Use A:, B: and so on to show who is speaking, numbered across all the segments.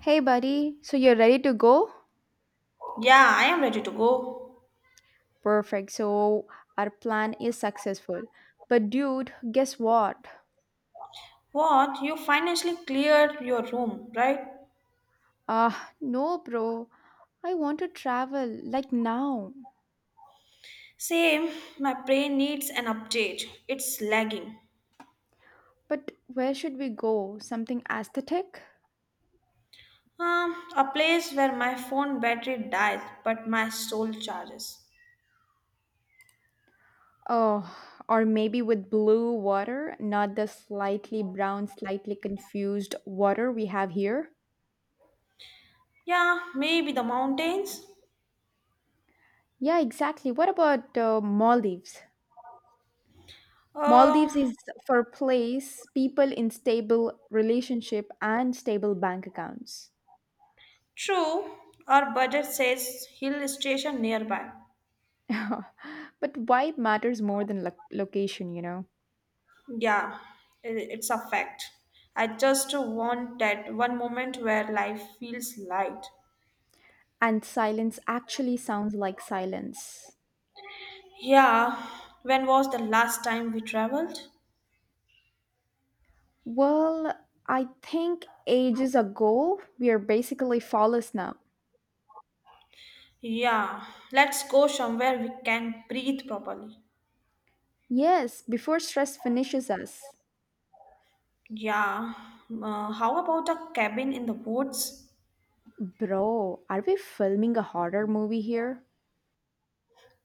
A: Hey, buddy, so you're ready to go?
B: Yeah, I am ready to go.
A: Perfect. So, our plan is successful. But, dude, guess what?
B: What? You financially cleared your room, right?
A: Ah, no, bro. I want to travel, like now.
B: Same, my brain needs an update. It's lagging.
A: But where should we go? Something aesthetic?
B: A place where my phone battery dies but my soul charges.
A: Oh, or maybe with blue water, not the slightly brown, slightly confused water we have here?
B: Yeah, maybe the mountains?
A: Yeah, exactly. What about Maldives?
B: Uh,
A: Maldives is for place, people in stable relationship and stable bank accounts.
B: true. Our budget says hill station nearby.
A: But vibe matters more than location, you know.
B: Yeah, it's a fact. I just want that one moment where life feels light.
A: And silence actually sounds like silence.
B: Yeah, when was the last time we traveled?
A: Well, I think ages ago, we are basically flawless now.
B: Yeah, let's go somewhere we can breathe properly.
A: Yes, before stress finishes us.
B: Yeah, how about a cabin in the woods?
A: Bro, are we filming a horror movie here?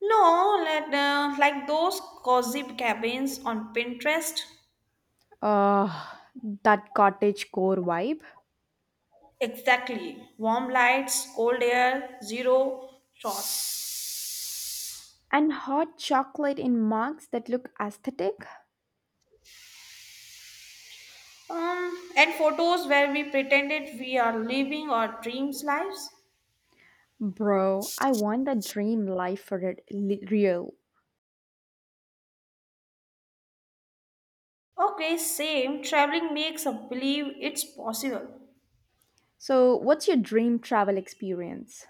B: No, let, like those cozy cabins on Pinterest.
A: Uh, that cottage core vibe.
B: Exactly. Warm lights, cold air, zero shots.
A: And hot chocolate in mugs that look aesthetic?
B: And photos where we pretended we are living our dreams lives.
A: Bro, I want the dream life for it real.
B: Okay, same. Traveling makes us believe it's possible.
A: So, what's your dream travel experience?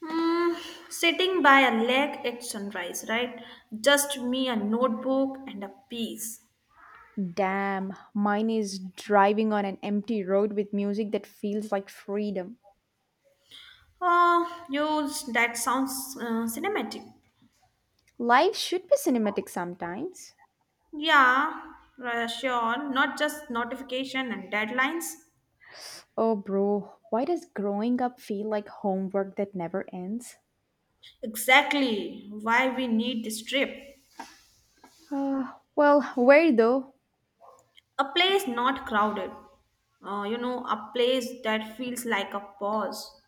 B: Mm, Sitting by a lake at sunrise, right? Just me, a notebook, and a piece.
A: Damn, mine is driving on an empty road with music that feels like freedom.
B: Oh, you, that sounds cinematic.
A: Life should be cinematic sometimes.
B: Yeah, sure. Not just notification and deadlines.
A: Oh, bro, why does growing up feel like homework that never ends?
B: Exactly why we need this trip.
A: Well, where though?
B: A place not crowded. You know, a place that feels like a pause.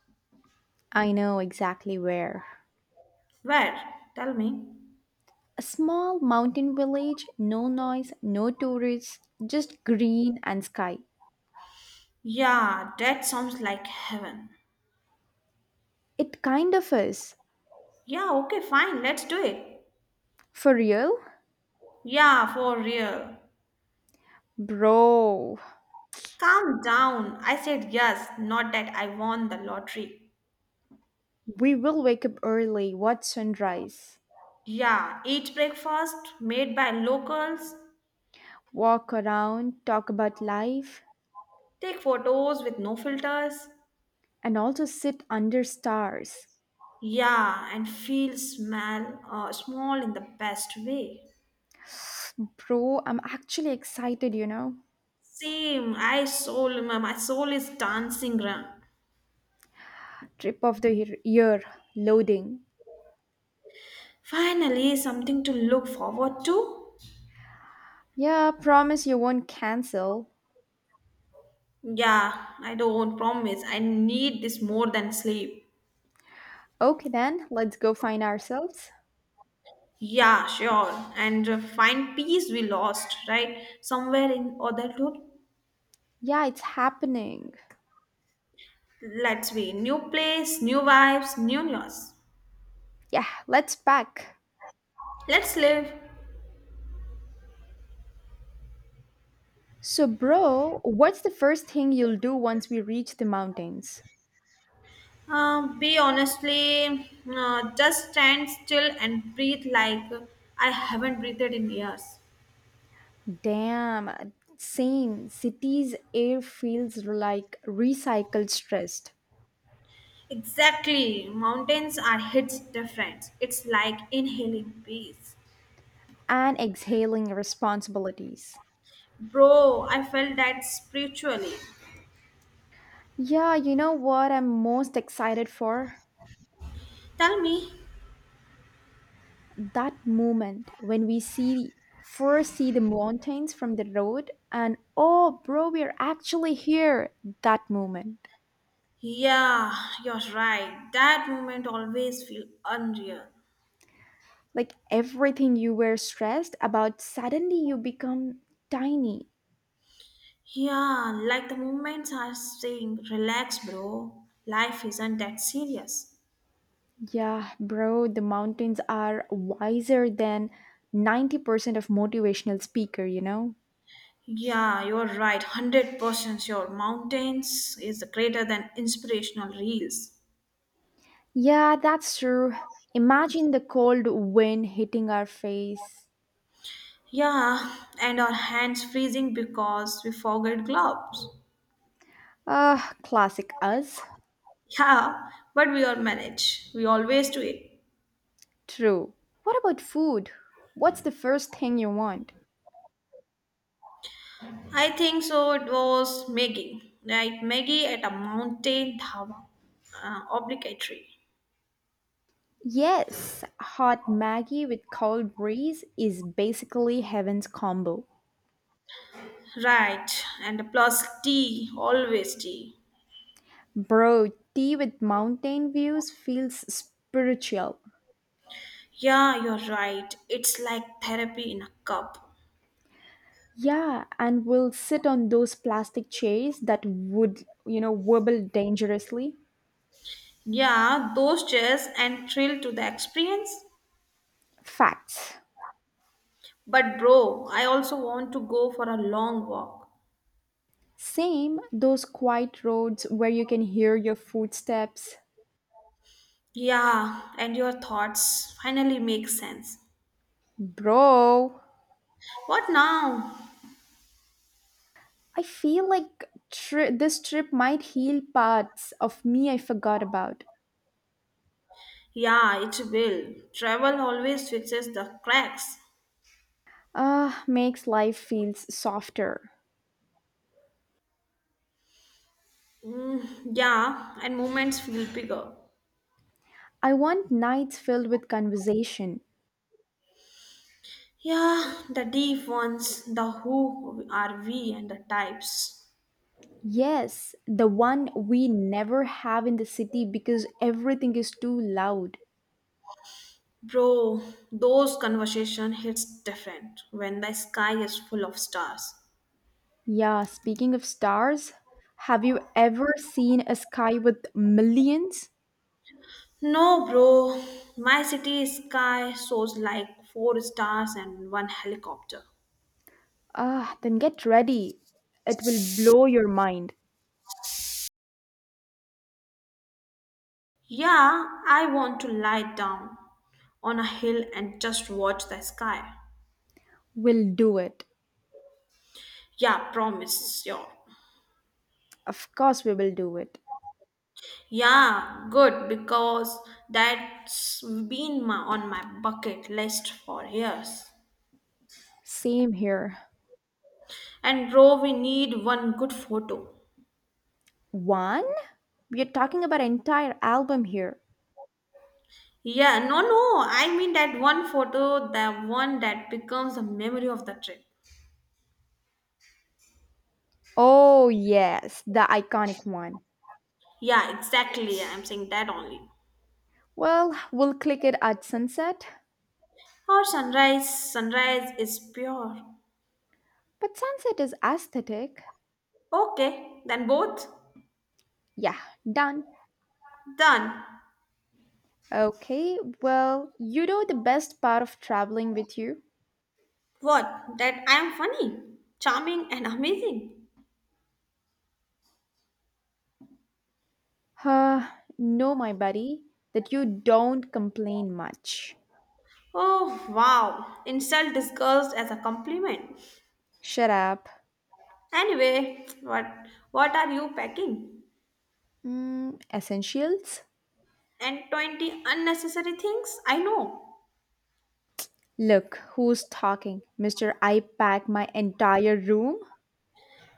A: I know exactly where.
B: Where? Tell me.
A: A small mountain village, no noise, no tourists, just green and sky.
B: Yeah, that sounds like heaven.
A: It kind of is.
B: Yeah, okay, fine. Let's do it.
A: For real?
B: Yeah, for real.
A: Bro,
B: Calm down. I said yes, not that I won the lottery.
A: we will wake up early, watch sunrise,
B: Yeah, eat breakfast made by locals,
A: walk around, talk about life,
B: take photos with no filters.
A: and also sit under stars.
B: Yeah, and feel smell small in the best way.
A: Bro, I'm actually excited, you know.
B: Same, I soul, my soul is dancing round.
A: Trip of the year, year, loading.
B: Finally, something to look forward to.
A: Yeah, promise you won't cancel.
B: Yeah, I don't promise. I need this more than sleep.
A: Okay, then, let's go find ourselves.
B: Yeah, sure. And find peace we lost, right? Somewhere in adulthood.
A: Yeah, it's happening.
B: Let's be new place, new vibes, new yours.
A: Yeah, let's pack.
B: Let's live.
A: So, bro, what's the first thing you'll do once we reach the mountains?
B: Be honestly, just stand still and breathe like I haven't breathed in years.
A: Damn, same. Cities' air feels like recycled stress
B: Exactly. Mountains are hits different. It's like inhaling peace.
A: and exhaling responsibilities.
B: Bro, I felt that spiritually.
A: Yeah, you know what I'm most excited for?
B: Tell me,
A: That moment when we see first see the mountains from the road, and oh bro we're actually here, that moment,
B: yeah, you're right. That moment always feel unreal.
A: like everything you were stressed about suddenly you become tiny.
B: Yeah, like the moments are saying, relax, bro. Life isn't that serious.
A: Yeah bro, the mountains are wiser than 90% of motivational speaker, you know.
B: Yeah, you're right. 100% sure. Mountains is greater than inspirational reels.
A: Yeah, that's true. Imagine the cold wind hitting our face.
B: Yeah, and our hands freezing because we forgot gloves.
A: Ah, classic us.
B: Yeah, but we all manage. We always do it.
A: True. What about food? What's the first thing you want?
B: I think so. It was Maggie, right? Maggie at a mountain dhawa, obligatory,
A: Yes, hot maggie with cold breeze is basically heaven's combo.
B: right? And plus tea, always tea.
A: Bro, tea with mountain views feels spiritual.
B: Yeah, you're right. It's like therapy in a cup.
A: Yeah, and we'll sit on those plastic chairs that would, you know, wobble dangerously.
B: Yeah, those chairs and thrill to the experience.
A: Facts.
B: But bro, I also want to go for a long walk.
A: Same, those quiet roads where you can hear your footsteps.
B: Yeah, and your thoughts finally make sense.
A: Bro,
B: What now?
A: I feel like this trip might heal parts of me I forgot about.
B: Yeah, it will. Travel always fixes the cracks.
A: Ah, makes life feels softer.
B: Mm, yeah, and moments feel bigger.
A: I want nights filled with conversation.
B: Yeah, the deep ones, the who are we and the types.
A: Yes, the one we never have in the city because everything is too loud.
B: Bro, those conversation hits different when the sky is full of stars.
A: Yeah, speaking of stars, have you ever seen a sky with millions?
B: No, bro, my city sky shows like 4 stars and one helicopter.
A: Ah, then get ready. It will blow your mind.
B: Yeah, I want to lie down on a hill and just watch the sky.
A: We'll do it.
B: Yeah, promise, sure.
A: Of course, we will do it.
B: Yeah, good, because that's been my, on my bucket list for years.
A: Same here.
B: And bro, we need one good photo.
A: One? We're talking about an entire album here.
B: Yeah, no, no, I mean that one photo, the one that becomes a memory of the trip.
A: Oh, yes, the iconic one.
B: Yeah, exactly, I'm saying that only.
A: Well, we'll click it at sunset.
B: Or sunrise, sunrise is pure.
A: But sunset is aesthetic.
B: Okay, then both?
A: Yeah, done.
B: Done.
A: Okay, well, you know the best part of traveling with you?
B: What? That I am funny, charming, and amazing.
A: Uh, no, my buddy, that you don't complain much.
B: Oh wow, insult disguised as a compliment.
A: Shut up.
B: Anyway, what are you packing?
A: Mm, essentials?
B: And 20 unnecessary things? I know.
A: Look, who's talking? Mr. I pack my entire room?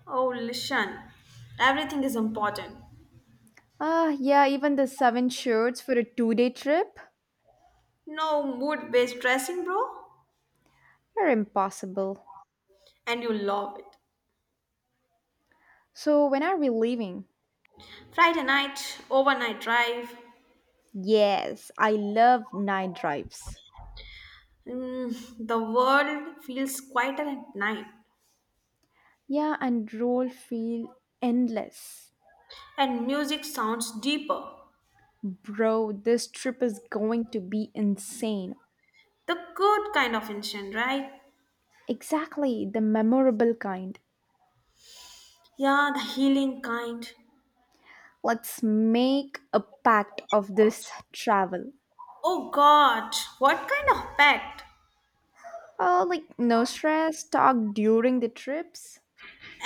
B: Oh Lishan, everything is important.
A: Ah, yeah, even the seven shirts for a 2 day trip?
B: No mood-based dressing, bro.
A: You're impossible.
B: And you love it.
A: So, when are we leaving?
B: Friday night, overnight drive.
A: Yes, I love night drives.
B: Mm, the world feels quieter at night,
A: Yeah, and roll feel endless.
B: and music sounds deeper.
A: Bro, this trip is going to be insane.
B: The good kind of instant, right?
A: Exactly, the memorable kind.
B: Yeah, the healing kind.
A: Let's make a pact of this travel.
B: Oh God, what kind of pact?
A: Oh, like no stress, talk during the trips,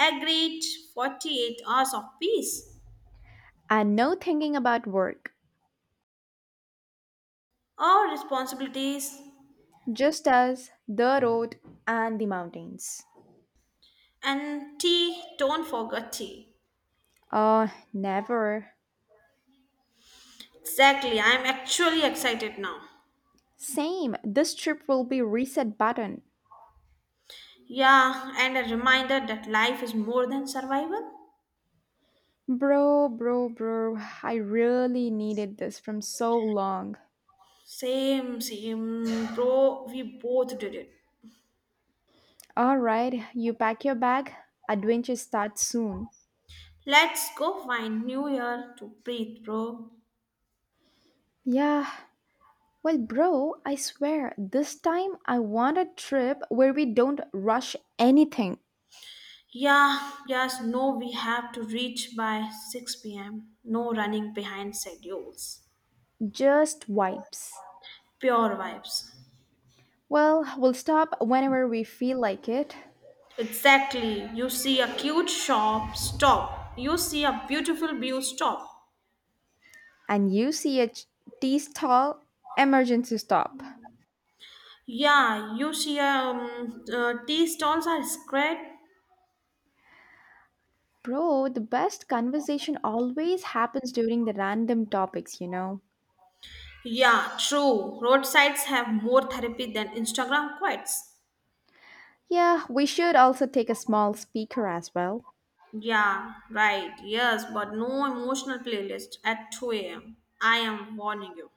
B: Agreed 48 hours of peace.
A: and no thinking about work.
B: Our responsibilities
A: Just us, the road, and the mountains.
B: and tea, don't forget tea.
A: Oh, never.
B: Exactly, I'm actually excited now.
A: Same, this trip will be reset button.
B: Yeah, and a reminder that life is more than survival.
A: Bro, I really needed this from so long.
B: Same, same, bro, we both did it.
A: All right, you pack your bag. Adventure starts soon.
B: Let's go find New Year to breathe, bro.
A: Yeah. Well, bro, I swear, this time I want a trip where we don't rush anything,
B: Yeah, yes, no, we have to reach by 6 pm. No running behind schedules.
A: just vibes.
B: Pure vibes.
A: Well, we'll stop whenever we feel like it.
B: Exactly. You see a cute shop, stop. You see a beautiful view, stop.
A: And you see a tea stall, emergency stop.
B: Yeah, you see tea stalls are spread.
A: Bro, the best conversation always happens during the random topics, you know.
B: Yeah, true. Roadsides have more therapy than Instagram quotes.
A: Yeah, we should also take a small speaker as well.
B: Yeah, right. Yes, but no emotional playlist at 2 a.m. I am warning you.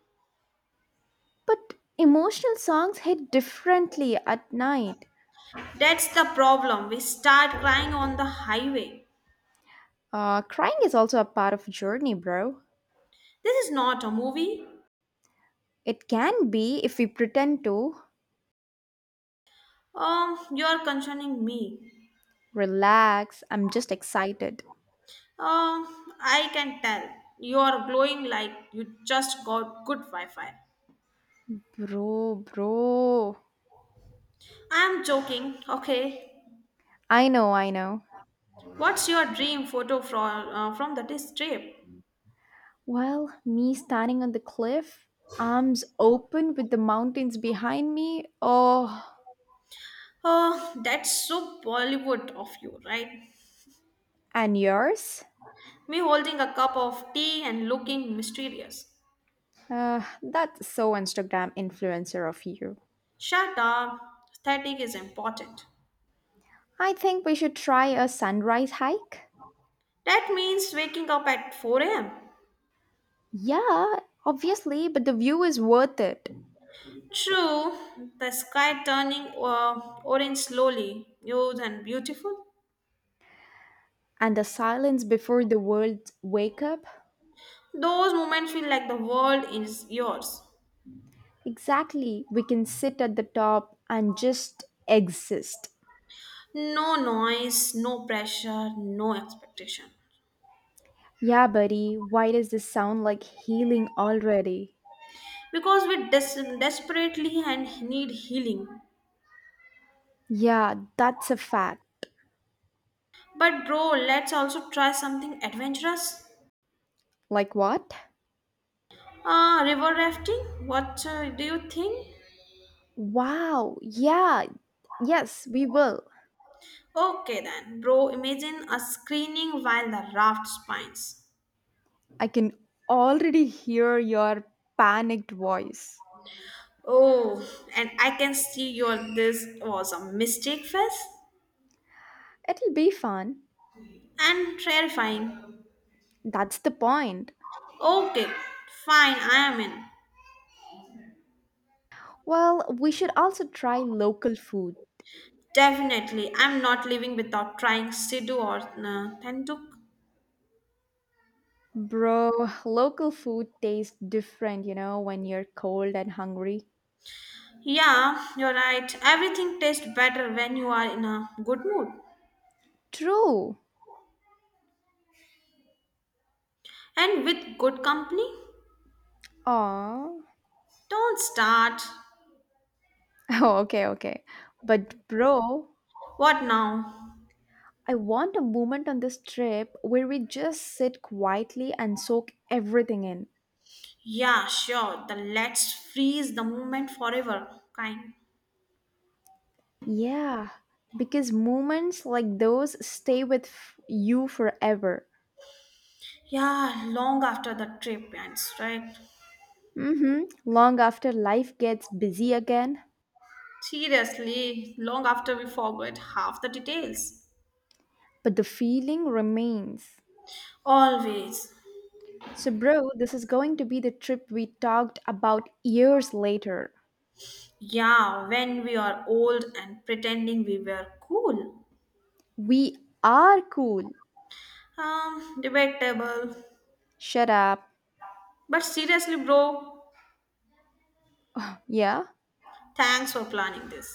A: But emotional songs hit differently at night.
B: That's the problem. We start crying on the highway.
A: Crying is also a part of journey, bro.
B: This is not a movie.
A: It can be if we pretend to.
B: You are concerning me.
A: Relax, I'm just excited.
B: Um, I can tell. You are glowing like you just got good Wi-Fi.
A: Bro.
B: I'm joking. Okay.
A: I know, I know.
B: What's your dream photo from the this trip?
A: Well, me standing on the cliff, arms open with the mountains behind me. Oh,
B: Oh, that's so Bollywood of you, right?
A: and yours?
B: Me holding a cup of tea and looking mysterious.
A: That's so Instagram influencer of you.
B: Shut up. Aesthetic is important.
A: I think we should try a sunrise hike.
B: That means waking up at 4 a.m.
A: Yeah, obviously, but the view is worth it.
B: True, the sky turning orange slowly, huge and beautiful.
A: And the silence before the world's wake up?
B: Those moments feel like the world is yours.
A: Exactly. We can sit at the top and just exist.
B: No noise, no pressure, no expectation.
A: Yeah, buddy, why does this sound like healing already?
B: Because desperately and need healing.
A: Yeah, that's a fact.
B: But bro, let's also try something adventurous.
A: Like what?
B: River rafting? What do you think?
A: Wow, yeah, yes, we will.
B: Okay then, bro, imagine a screening while the raft spins.
A: I can already hear your panicked voice.
B: Oh, and I can see your this was a mistake first
A: It'll be fun.
B: and terrifying.
A: That's the point.
B: Okay, fine, I am in.
A: Well, we should also try local food.
B: Definitely, I'm not living without trying Sidhu or Tenduk.
A: Bro, local food tastes different, you know, when you're cold and hungry.
B: Yeah, you're right. Everything tastes better when you are in a good mood
A: True.
B: and with good company.
A: Aw.
B: Don't start.
A: Oh, okay, okay. But, bro,
B: What now?
A: I want a moment on this trip where we just sit quietly and soak everything in.
B: Yeah, sure. The let's freeze the moment forever kind.
A: Yeah, because moments like those stay with you forever.
B: Yeah, long after the trip ends, right?
A: Mm hmm. Long after life gets busy again,
B: Seriously, long after we forget half the details.
A: but the feeling remains.
B: Always.
A: So, bro, this is going to be the trip we talked about years later.
B: Yeah, when we are old and pretending we were cool.
A: We are cool.
B: Debatable.
A: Shut up.
B: But seriously, bro,
A: Yeah?
B: thanks for planning this.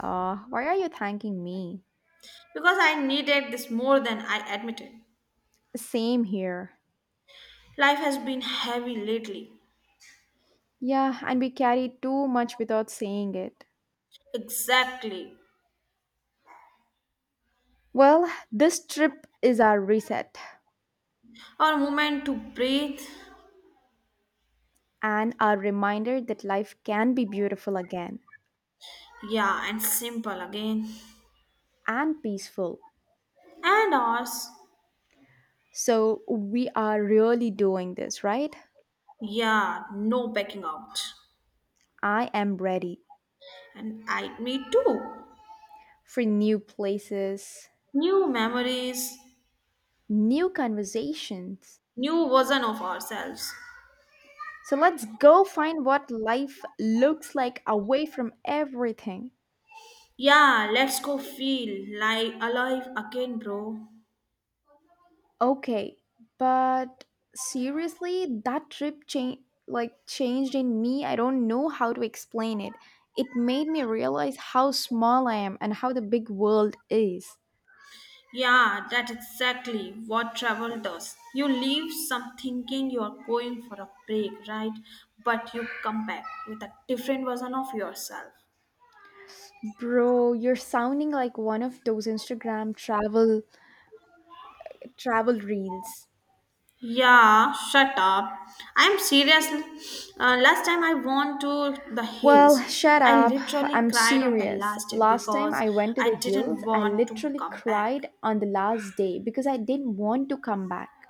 A: Why are you thanking me?
B: Because I needed this more than I admitted.
A: Same here.
B: Life has been heavy lately.
A: Yeah, and we carry too much without saying it.
B: Exactly.
A: Well, this trip is our reset
B: Our moment to breathe.
A: and our reminder that life can be beautiful again
B: Yeah, and simple again.
A: and peaceful.
B: And ours.
A: So, we are really doing this, right?
B: Yeah, no backing out.
A: I am ready
B: And I, me too.
A: for new places,
B: New memories,
A: new conversations.
B: new version of ourselves.
A: So let's go find what life looks like away from everything.
B: Yeah, let's go feel like alive again, bro.
A: Okay, but seriously, that trip changed, like changed in me. I don't know how to explain it. It made me realize how small I am and how the big world is.
B: Yeah, that's exactly what travel does. You leave some thinking you are going for a break, right? But you come back with a different version of yourself.
A: Bro, you're sounding like one of those Instagram travel reels.
B: Yeah, shut up. I'm serious. Last time I went to the
A: Well,
B: hills,
A: shut
B: I
A: up.
B: literally
A: I'm
B: cried on the
A: serious.
B: last day
A: Last time
B: because
A: I went to the
B: I
A: hills,
B: didn't
A: I
B: want to
A: literally
B: come back.
A: cried on the last day because I didn't want to come back.